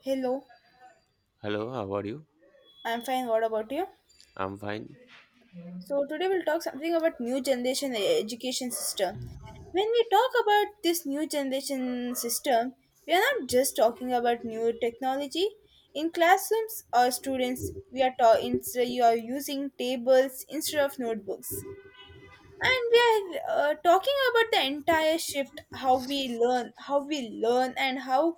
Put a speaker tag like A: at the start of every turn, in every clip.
A: Hello,
B: Hello, how are you?
A: I'm fine. What about you?
B: I'm fine.
A: So today we'll talk something about new generation education system. When we talk about this new generation system, we are not just talking about new technology. In classrooms or students, instead you are using tables instead of notebooks. And we are talking about the entire shift, how we learn, and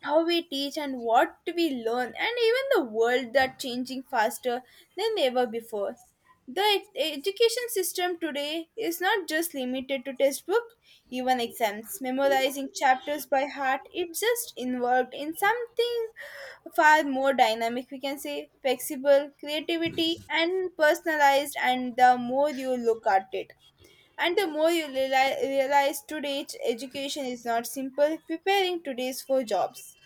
A: how we teach and what we learn and even the world that changing faster than ever before, the education system today is not just limited to textbook, even exams memorizing chapters by heart, it just involved in something far more dynamic, we can say, flexible creativity and personalized. And the more you look at it and the more you realize today's education is not simple preparing today's for jobs,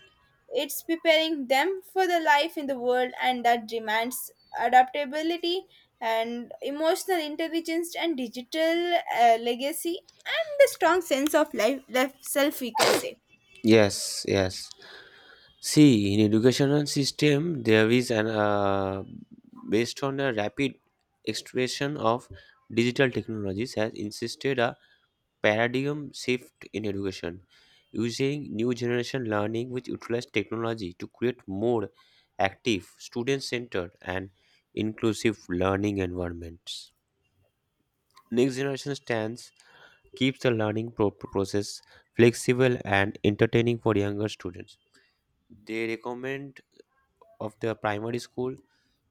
A: it's preparing them for the life in the world, and that demands adaptability and emotional intelligence and digital legacy and the strong sense of life self, we can say.
B: Yes, yes. See, in educational system, there is an based on the rapid expansion of digital technologies has insisted a paradigm shift in education, using new generation learning which utilize technology to create more active, student-centered, and inclusive learning environments. Next generation stands keeps the learning process flexible and entertaining for younger students. They recommend of the primary school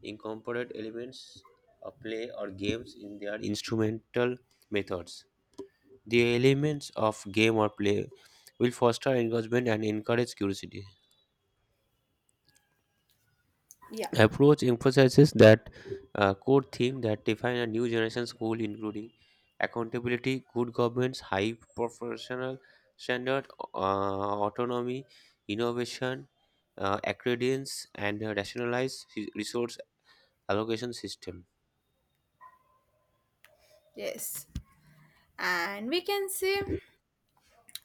B: incorporate elements of play or games in their instrumental methods. The elements of game or play will foster engagement and encourage curiosity.
A: Yeah.
B: Approach emphasizes that core theme that define a new generation school, including accountability, good governance, high professional standard, autonomy, innovation, accredence, and rationalized resource allocation system.
A: Yes. And we can say,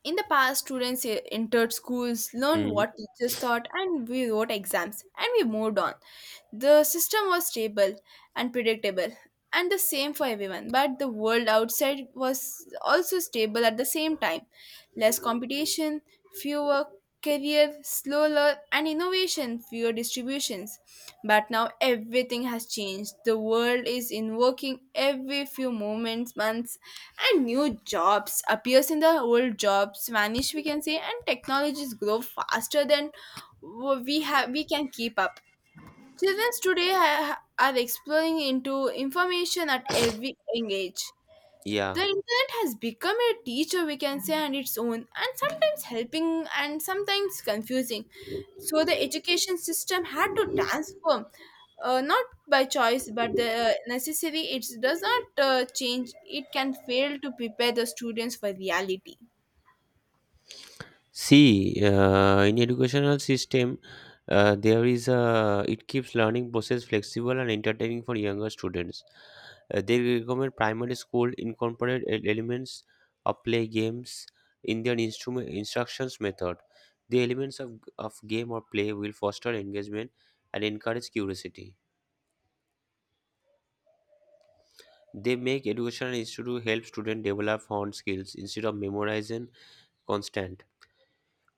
A: in the past, students entered schools, learned
B: Mhm.
A: what teachers taught, and we wrote exams, and we moved on. The system was stable and predictable, and the same for everyone. But the world outside was also stable at the same time. Less competition, fewer career, slower, and innovation, fewer distributions. But now everything has changed. The world is invoking every few moments, months, and new jobs appears in the old jobs vanish, we can say, and technologies grow faster than we have we can keep up. Children today are exploring into information at every young age.
B: Yeah.
A: The internet has become a teacher, we can say, on its own, and sometimes helping and sometimes confusing. So the education system had to transform, not by choice but the necessary. It does not change, it can fail to prepare the students for reality.
B: See, in educational system, there is a it keeps learning process flexible and entertaining for younger students. They recommend primary school incorporate elements of play games in their instrument instructions method. The elements of game or play will foster engagement and encourage curiosity. They make educational institute help students develop found skills instead of memorizing constant.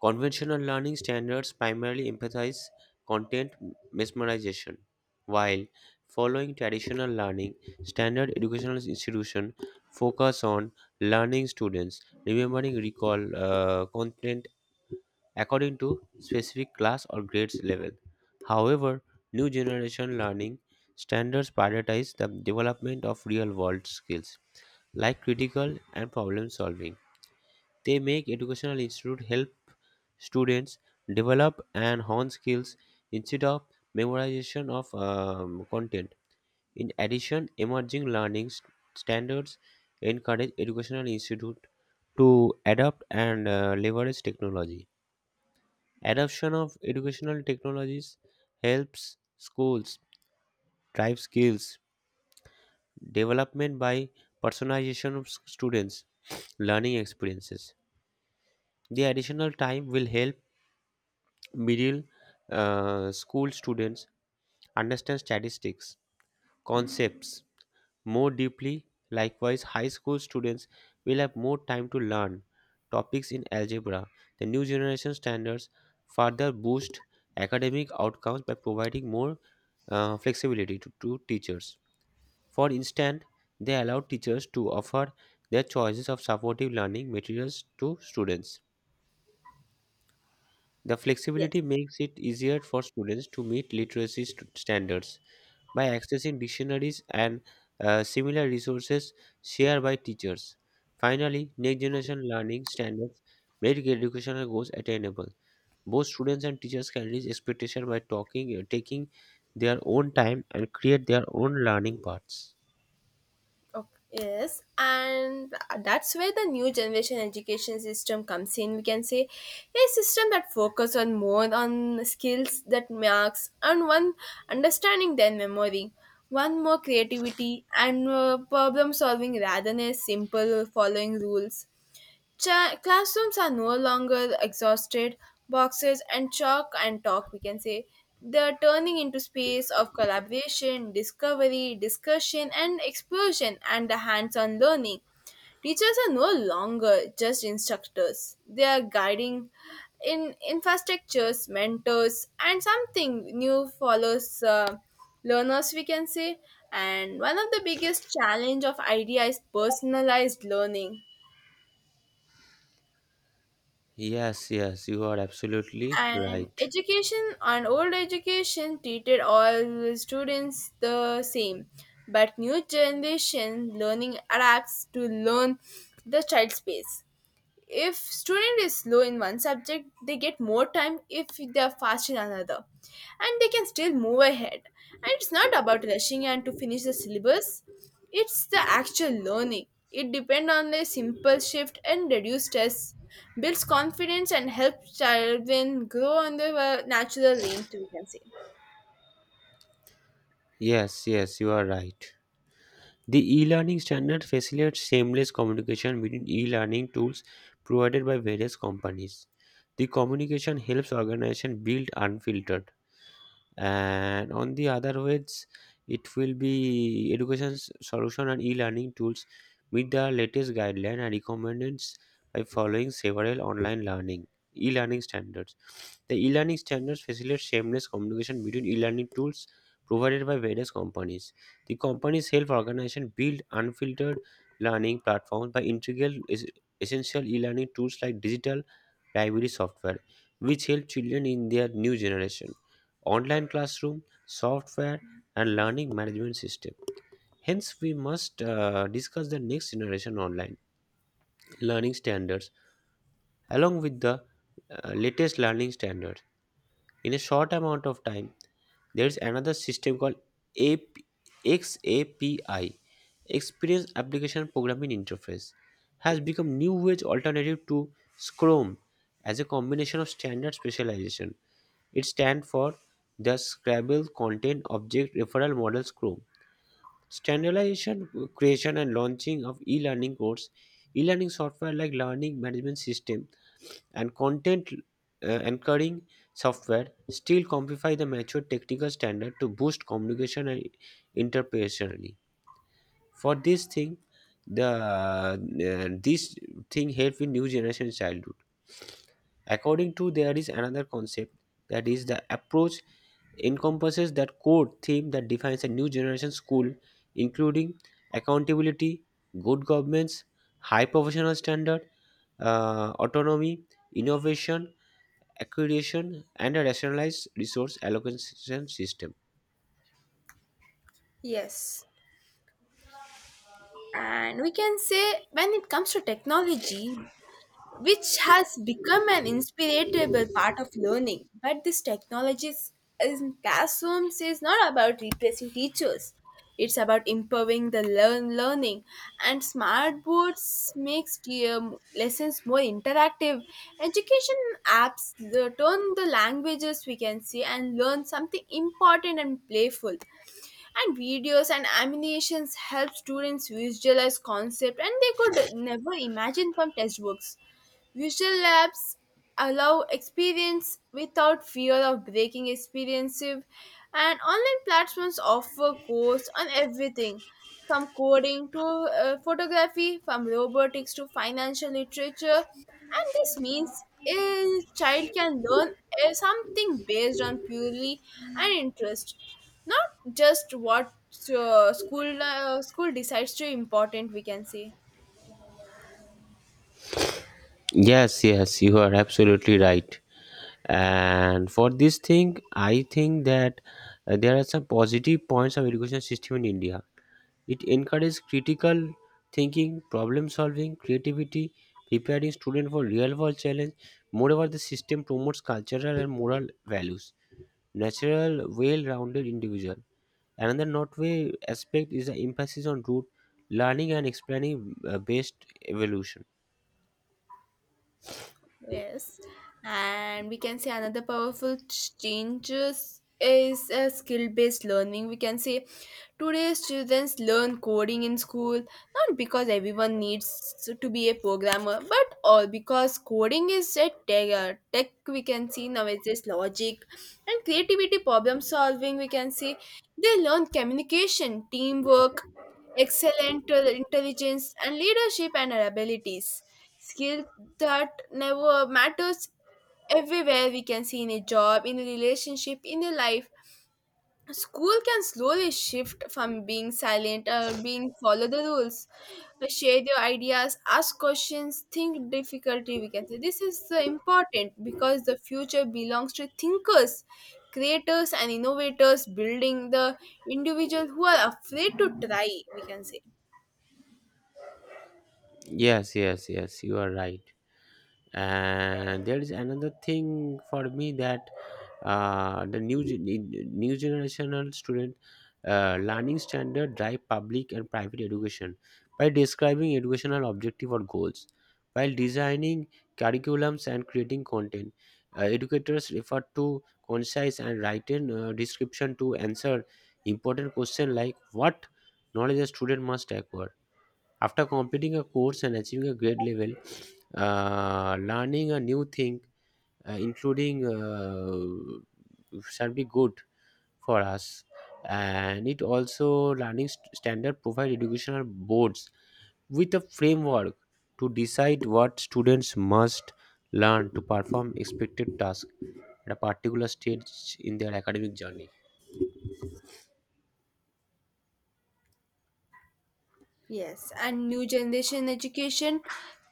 B: Conventional learning standards primarily emphasize content mesmerization, while following traditional learning, standard educational institutions focus on learning students remembering recall content according to specific class or grades level. However, new generation learning standards prioritize the development of real world skills like critical and problem solving. They make educational institute help students develop and hone skills instead of memorization of content. In addition, emerging learning standards encourage educational institute to adapt and leverage technology. Adoption of educational technologies helps schools drive skills development by personalization of students learning experiences. The additional time will help middle school students understand statistics concepts more deeply. Likewise, high school students will have more time to learn topics in algebra. The new generation standards further boost academic outcomes by providing more flexibility to teachers. For instance, they allow teachers to offer their choices of supportive learning materials to students. The
A: Yes.
B: flexibility makes it easier for students to meet literacy standards by accessing dictionaries and similar resources shared by teachers. Finally, next generation learning standards make educational goals attainable. Both students and teachers can reach expectation by taking their own time and create their own learning paths.
A: Okay. Yes, and that's where the new generation education system comes in. We can say a system that focuses on more on skills that marks and one understanding than memory, one more creativity and problem solving rather than a simple following rules. Classrooms are no longer exhausted boxes and chalk and talk, we can say. They're turning into space of collaboration, discovery, discussion, and explosion and the hands-on learning. Teachers are no longer just instructors, they are guiding in infrastructures mentors and something new follows learners, we can say. And one of the biggest challenge of idea is personalized learning
B: Yes, yes, you are absolutely
A: and
B: right.
A: education, and old education treated all students the same, but new generation learning adapts to learn the child space. If student is slow in one subject, they get more time. If they are fast in another, and they can still move ahead, and it's not about rushing and to finish the syllabus, it's the actual learning. It depends on a simple shift and reduce stress, builds confidence, and helps children grow on the natural lane, we can say.
B: Yes, yes, you are right. The e-learning standard facilitates seamless communication between e-learning tools provided by various companies. The communication helps organizations build unfiltered, and on the other ways it will be education solution and e-learning tools meet the latest guideline and requirements by following several online learning e-learning standards. The e-learning standards facilitate seamless communication between e-learning tools provided by various companies. The companies help organization build unfiltered learning platforms by essential e-learning tools like digital library software, which help children in their new generation online classroom, software, and learning management system. Hence, we must discuss the next generation online learning standards along with the latest learning standards in a short amount of time. There's another system called AP, XAPI, Experience Application Programming Interface, has become new age alternative to Scrum as a combination of standard specialization. It stands for the Scrabble Content Object Referral Model Scrum. Standardization, creation, and launching of e-learning course. E-learning software like learning management system and content anchoring software still comply the mature technical standard to boost communication and interpersonally. For this thing, the this thing help in new generation childhood. According to there is another concept that is the approach encompasses that core theme that defines a new generation school, including accountability, good governance, high professional standard, autonomy, innovation, accreditation, and a rationalized resource allocation system.
A: Yes. And we can say, when it comes to technology which has become an inspirable part of learning. But this technologies in classrooms is not about replacing teachers. It's about improving the learning, and smart boards makes the, lessons more interactive. Education apps turn the languages, we can see, and learn something important and playful, and videos and animations help students visualize concept and they could never imagine from textbooks. Visual labs allow experience without fear of breaking experiences, and online platforms offer courses on everything from coding to photography, from robotics to financial literature. And this means a child can learn something based on purely an interest, not just what school decides to important. We can say.
B: Yes, yes, you are absolutely right. And for this thing, I think that there are some positive points of education system in India. It encourages critical thinking, problem solving, creativity, preparing students for real world challenge. Moreover, the system promotes cultural and moral values, natural, well-rounded individual. Another noteworthy aspect is the emphasis on root learning and explaining based evolution.
A: Yes, and we can say another powerful changes is skill-based learning. We can say today's children learn coding in school not because everyone needs to be a programmer, but all because coding is a tech. Tech, we can see, now it's just logic and creativity, problem solving. We can see they learn communication, teamwork, excellent intelligence, and leadership and abilities skill that never matters everywhere, we can see, in a job, in a relationship, in a life. School can slowly shift from being silent or being follow the rules, share your ideas, ask questions, think difficulty, we can say. This is so important because the future belongs to thinkers, creators, and innovators building the individual who are afraid to try, we can say.
B: Yes, yes, yes, you are right. And there is another thing for me that uh, the new gen- new generational student learning standard drive public and private education by describing educational objective or goals while designing curriculums and creating content. Educators refer to concise and written description to answer important question like what knowledge a student must acquire after completing a course and achieving a grade level, learning a new thing, shall be good for us. And it also learning standard provide educational boards with a framework to decide what students must learn to perform expected tasks at a particular stage in their academic journey.
A: Yes, and new generation education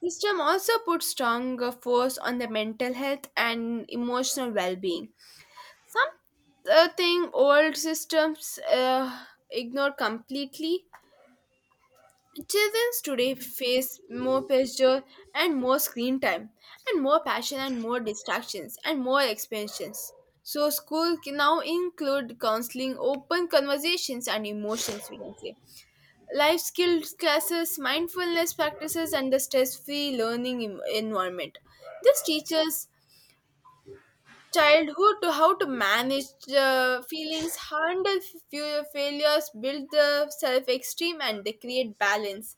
A: system also puts stronger force on the mental health and emotional well-being. Something old systems ignore completely. Children today face more pressure and more screen time, and more passion and more distractions and more expansions. So school can now include counseling, open conversations, and emotions. We can say life skills classes, mindfulness practices, and the stress-free learning environment. This teaches childhood to how to manage the feelings, handle failures, build the self-esteem, and they create balance.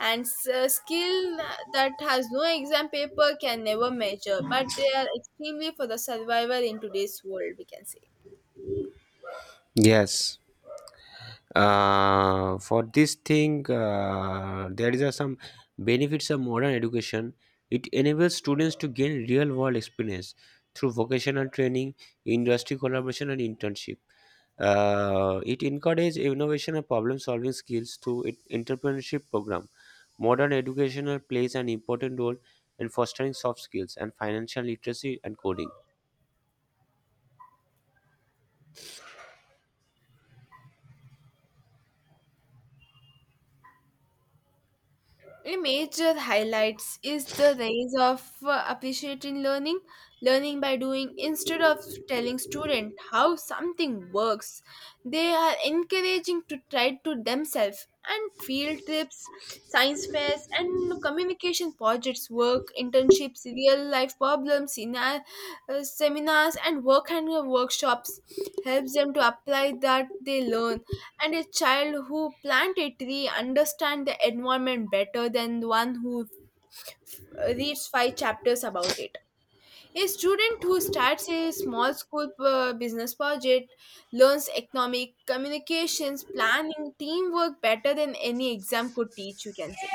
A: And a skill that has no exam paper can never measure, but they are extremely for the survival in today's world. We can say.
B: Yes. For this thing, there is a some benefits of modern education. It enables students to gain real world experience through vocational training, industry collaboration, and internship. It encourages innovation and problem solving skills through its entrepreneurship program. Modern educational plays an important role in fostering soft skills and financial literacy and coding.
A: A major highlights is the rise of appreciating learning, learning by doing instead of telling student how something works. They are encouraging to try to themselves and field trips, science fairs and communication projects, work, internships, real life problems, seminars and work and workshops helps them to apply that they learn. And a child who plant a tree understand the environment better than the one who f- reads 5 chapters about it. A student who starts a small school business project learns economic communications planning teamwork better than any exam could teach, you can say.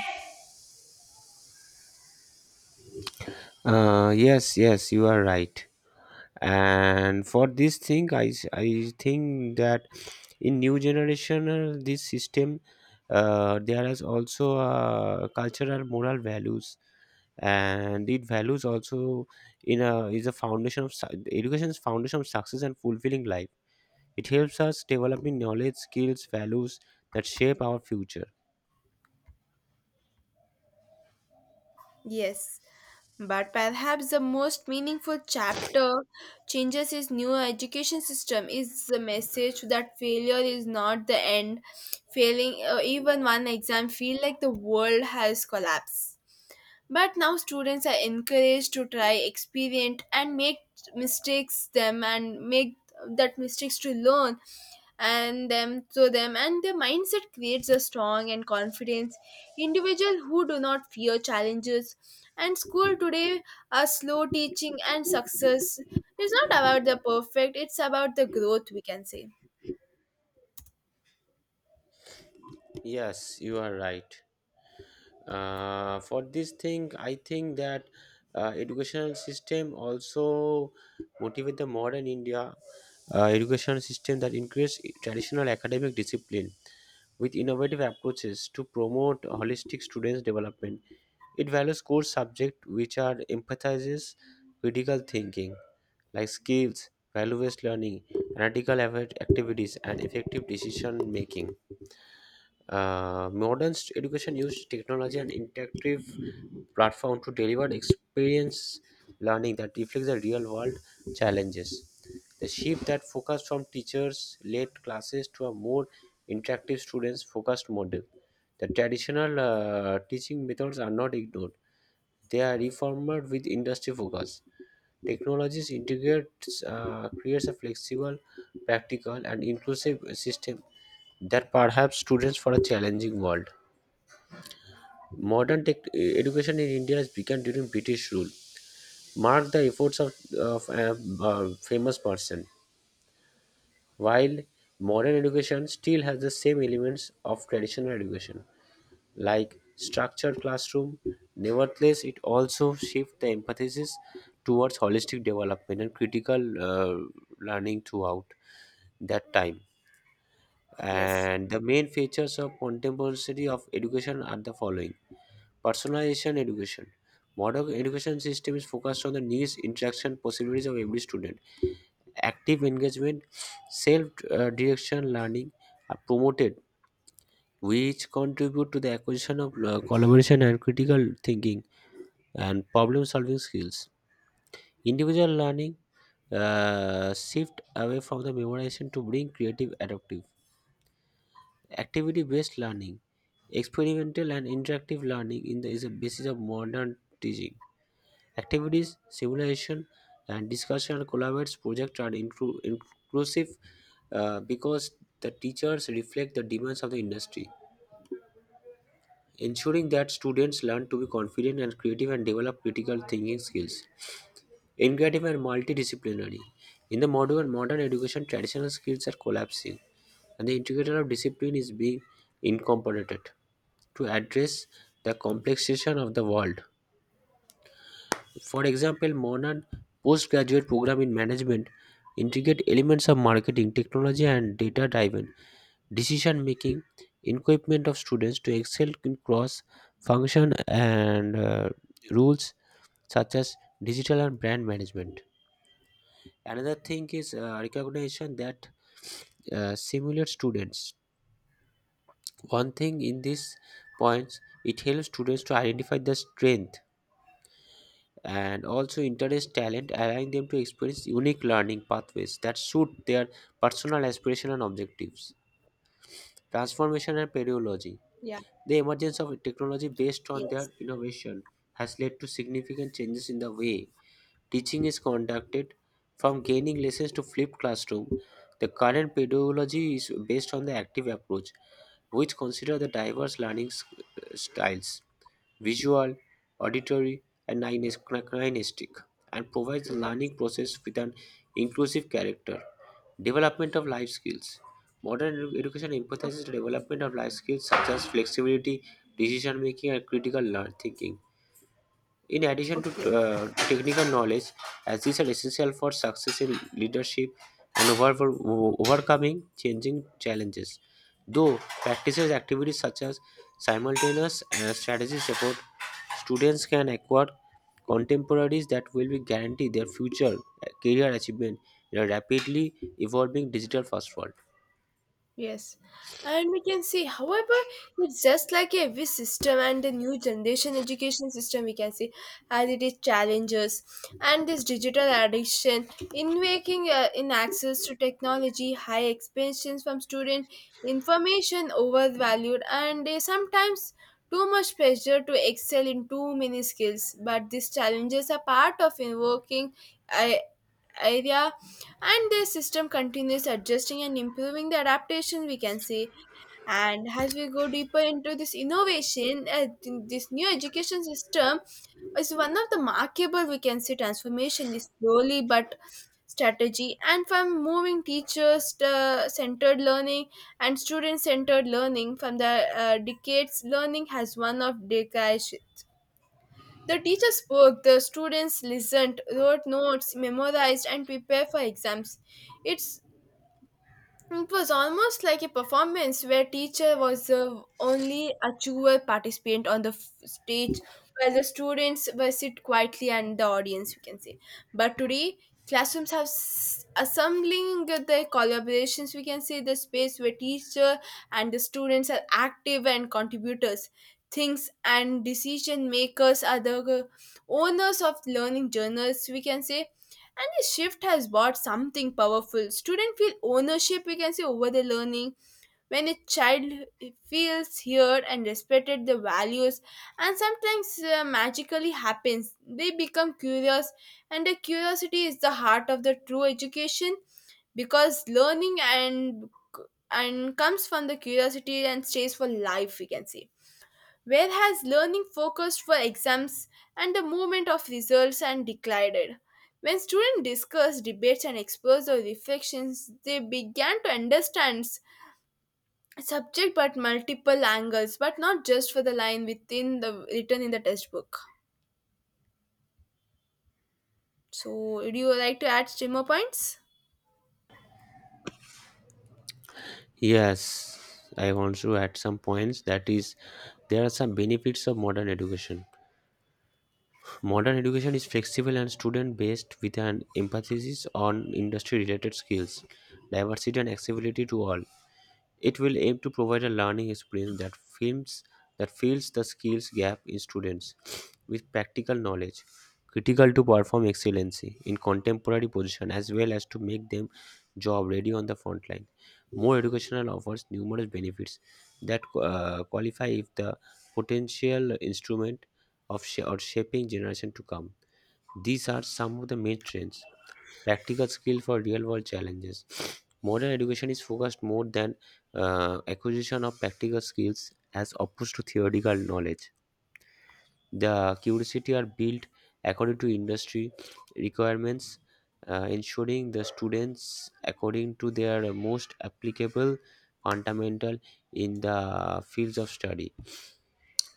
B: Yes, yes, you are right. And for this thing, I think that in new generation this system, there is also cultural moral values, and it values also in a is a foundation of education is foundation of success and fulfilling life. It helps us developing knowledge skills values that shape our future.
A: Yes. But perhaps the most meaningful chapter changes his new education system is the message that failure is not the end. Failing even one exam feel like the world has collapsed. But now students are encouraged to try, experiment, and make mistakes them and make that mistakes to learn and them to them and their mindset creates a strong and confident individual who do not fear challenges. And school today a slow teaching and success is not about the perfect, it's about the growth, we can say.
B: Yes, you are right. For this thing, I think that educational system also motivate the modern india. Education system that increase traditional academic discipline with innovative approaches to promote holistic students development. It values core subject which are emphasizes critical thinking, like skills, value-based learning, activities, and effective decision making. Education uses technology and interactive platform to deliver experience learning that reflects the real world challenges. The shift that focused from teachers led classes to a more interactive students focused model. The traditional teaching methods are not ignored. They are reformed with industry focus. Technologies integrates creates a flexible, practical, and inclusive system that perhaps students for a challenging world. Modern education in India has begun during British rule. Mark the efforts of a, famous person. While modern education still has the same elements of traditional education, like structured classroom, nevertheless, it also shifts the emphasis towards holistic development and critical learning throughout that time.
A: Yes.
B: And the main features of contemporary of education are the following: personalization education. Modern education system is focused on the needs, interaction, possibilities of every student. Active engagement, self-direction learning are promoted, which contribute to the acquisition of collaboration and critical thinking and problem-solving skills. Individual learning shift away from the memorization to bring creative adaptive activity based learning. Experimental and interactive learning in the, is the basis of modern teaching. Activities, simulation, and discussion collaborates projects are inclusive, because the teachers reflect the demands of the industry, ensuring that students learn to be confident and creative and develop critical thinking skills. Integrative and multidisciplinary. In the modern education, traditional skills are collapsing and the integrator of discipline is being incorporated to address the complexation of the world. For example, modern postgraduate program in management integrate elements of marketing, technology, and data-driven decision making, equipment of students to excel in cross-function and rules such as digital and brand management. Another thing is recognition that simulate students one thing in these points. It helps students to identify their strength and also interest talent, allowing them to experience unique learning pathways that suit their personal aspiration and objectives. Transformation and pedagogy.
A: Yeah.
B: The emergence of technology based on their
A: Yes.
B: innovation has led to significant changes in the way teaching is conducted, from gaining lessons to flipped classroom. The current pedagogy is based on the active approach, which consider the diverse learning styles: visual, auditory, and kinesthetic, and provides the
A: Yes.
B: learning process with an inclusive character. Development of life skills. Modern education
A: O-
B: emphasizes the development of life skills such as flexibility, decision making, and thinking, in addition to
A: Okay.
B: technical knowledge, as these are essential for success in leadership and overcoming changing challenges. Though practices activities such as simultaneous strategy support, students can acquire contemporaries that will be guarantee their future career achievement in a rapidly evolving digital first world.
A: Yes, and we can see, however, it's just like every system and the new generation education system, we can see, and it is challenges and this digital addiction in making in access to technology, high expectations from student, information overvalued, and sometimes too much pressure to excel in too many skills. But these challenges are part of invoking uh, area and the system continues adjusting and improving the adaptation, we can see. And as we go deeper into this innovation, this new education system is one of the markable, we can say, transformation is slowly but strategy and from moving teachers to centered learning and student centered learning. From the decades learning has one of decades, the teacher spoke, the students listened, wrote notes, memorized, and prepared for exams. It's it was almost like a performance where teacher was the only actual participant on the stage, while the students were sit quietly and the audience, you can say. But today, classrooms have assembling the collaborations, we can say, the space where teacher and the students are active and contributors. Things and decision makers are the owners of learning journals, we can say, and this shift has brought something powerful. Students feel ownership, we can say, over the learning. When a child feels heard and respected, the values and sometimes magically happens. They become curious, and the curiosity is the heart of the true education because learning and comes from the curiosity and stays for life. We can say where has learning focused for exams and the movement of results and declared. When students discuss debates and explore their reflections, they began to understand subject but multiple angles, but not just for the line within the written in the textbook. So, would you like to add three more points?
B: Yes, I want to add some points that is there are some benefits of modern education. Modern education is flexible and student based with an emphasis on industry related skills, diversity, and accessibility to all. It will aim to provide a learning experience that fills the skills gap in students with practical knowledge critical to perform excellency in contemporary position as well as to make them job ready on the front line. More educational offers numerous benefits that qualify if the potential instrument of sh- or shaping generation to come. These are some of the main trends practical skill for real world challenges. Modern education is focused more than acquisition of practical skills as opposed to theoretical knowledge. The curiosity are built according to industry requirements, ensuring the students according to their most applicable fundamental in the fields of study.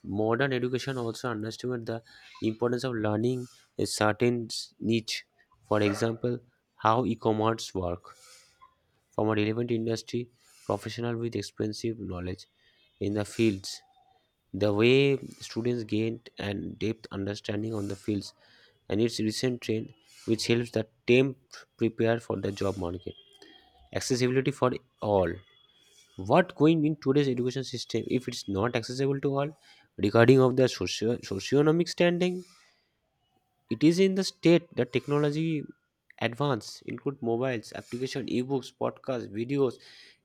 B: Modern education also underestimates the importance of learning a certain niche. For example, how e-commerce work from a relevant industry professional with extensive knowledge in the fields. The way students gain an depth understanding on the fields and its recent trend, which helps the temp prepare for the job market. Accessibility for all. What going in today's education system if it's not accessible to all, regarding of their socioeconomic standing, it is in the state that technology advance include mobiles, application, ebooks, podcasts, videos,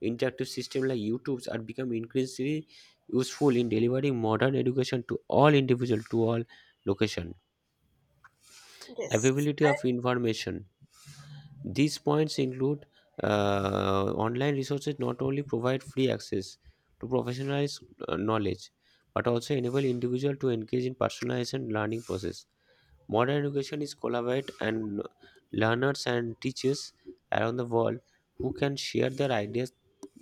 B: interactive system like YouTube's are become increasingly useful in delivering modern education to all individual to all location.
A: Yes,
B: Availability of information. These points include online resources not only provide free access to professionalized knowledge but also enable individual to engage in personalized learning process. Modern education is collaborate and learners and teachers around the world who can share their ideas,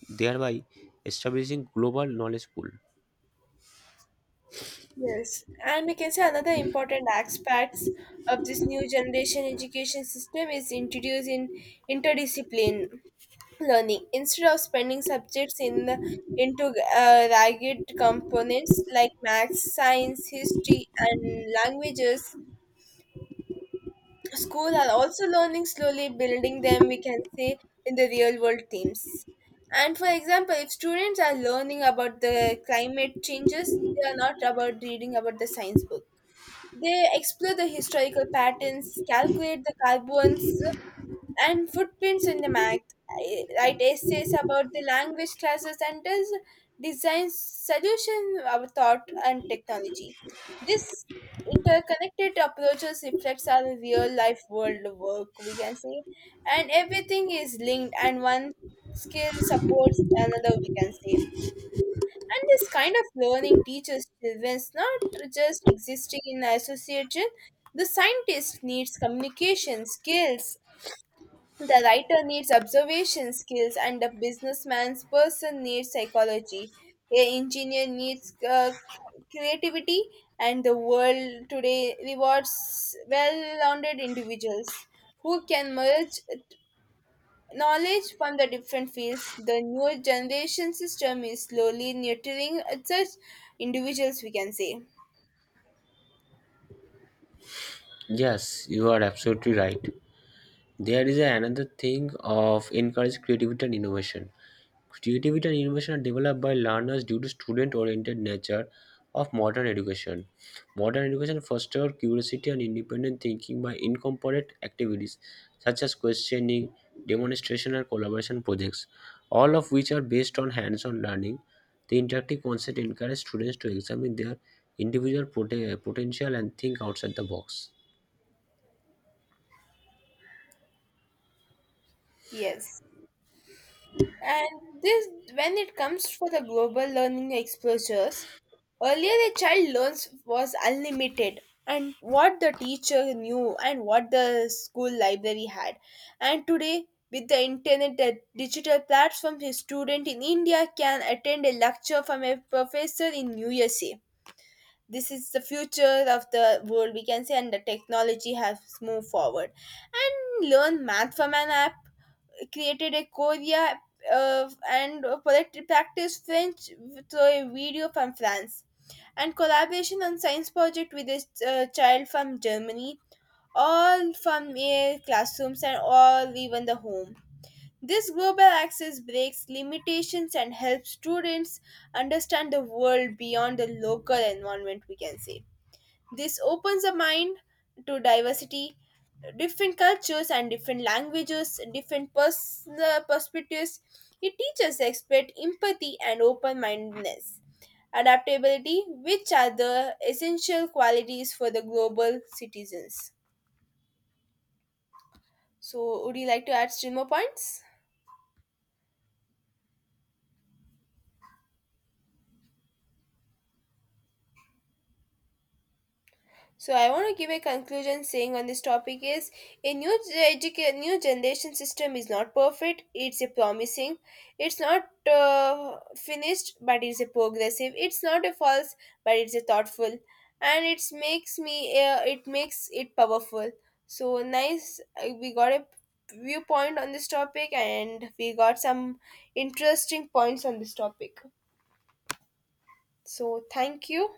B: thereby establishing global knowledge pool.
A: yes, and we can say another important aspects of this new generation education system is introduced in interdiscipline. Learning instead of spending subjects in the, into ragged components like maths, science, history, and languages, school are also learning slowly building them, we can say, in the real world themes. And for example, if students are learning about the climate changes, they are not about reading about the science book, they explore the historical patterns, calculate the carbons and footprints in the map. I write essays about the language classes and does design solution our thought and technology. This interconnected approaches reflects our real life world work, we can say, and everything is linked and one skill supports another, we can say. And this kind of learning teaches children not just existing in association, the scientist needs communication skills, the writer needs observation skills, and the businessman's person needs psychology. A engineer needs creativity, and the world today rewards well-rounded individuals who can merge knowledge from the different fields. The new generation system is slowly nurturing such individuals, we can say.
B: Yes, you are absolutely right. There is another thing of encourage creativity and innovation. Creativity and innovation are developed by learners due to student-oriented nature of modern education. Modern education fosters curiosity and independent thinking by incorporate activities such as questioning, demonstration, and collaboration projects, all of which are based on hands-on learning. The interactive concept encourages students to examine their individual potential and think outside the box.
A: Yes. And this, when it comes for the global learning exposures, earlier a child learns was unlimited and what the teacher knew and what the school library had. And today, with the internet, the digital platforms, a student in India can attend a lecture from a professor in USA. This is the future of the world, we can say, and the technology has moved forward. And learn math from an app created a Korea, and poetry practice French through a video from France, and collaboration on science project with a child from Germany, all from a classrooms and all even the home. This global access breaks limitations and helps students understand the world beyond the local environment, we can say. This opens the mind to diversity, different cultures and different languages, different personal perspectives. It teaches expert empathy and open mindedness. Adaptability, which are the essential qualities for the global citizens. So, would you like to add still more points? So I want to give a conclusion saying on this topic is a new generation system is not perfect. It's a promising. It's not finished, but it's a progressive. It's not a false, but it's a thoughtful, and it makes it powerful. So nice. We got a viewpoint on this topic, and we got some interesting points on this topic. So thank you.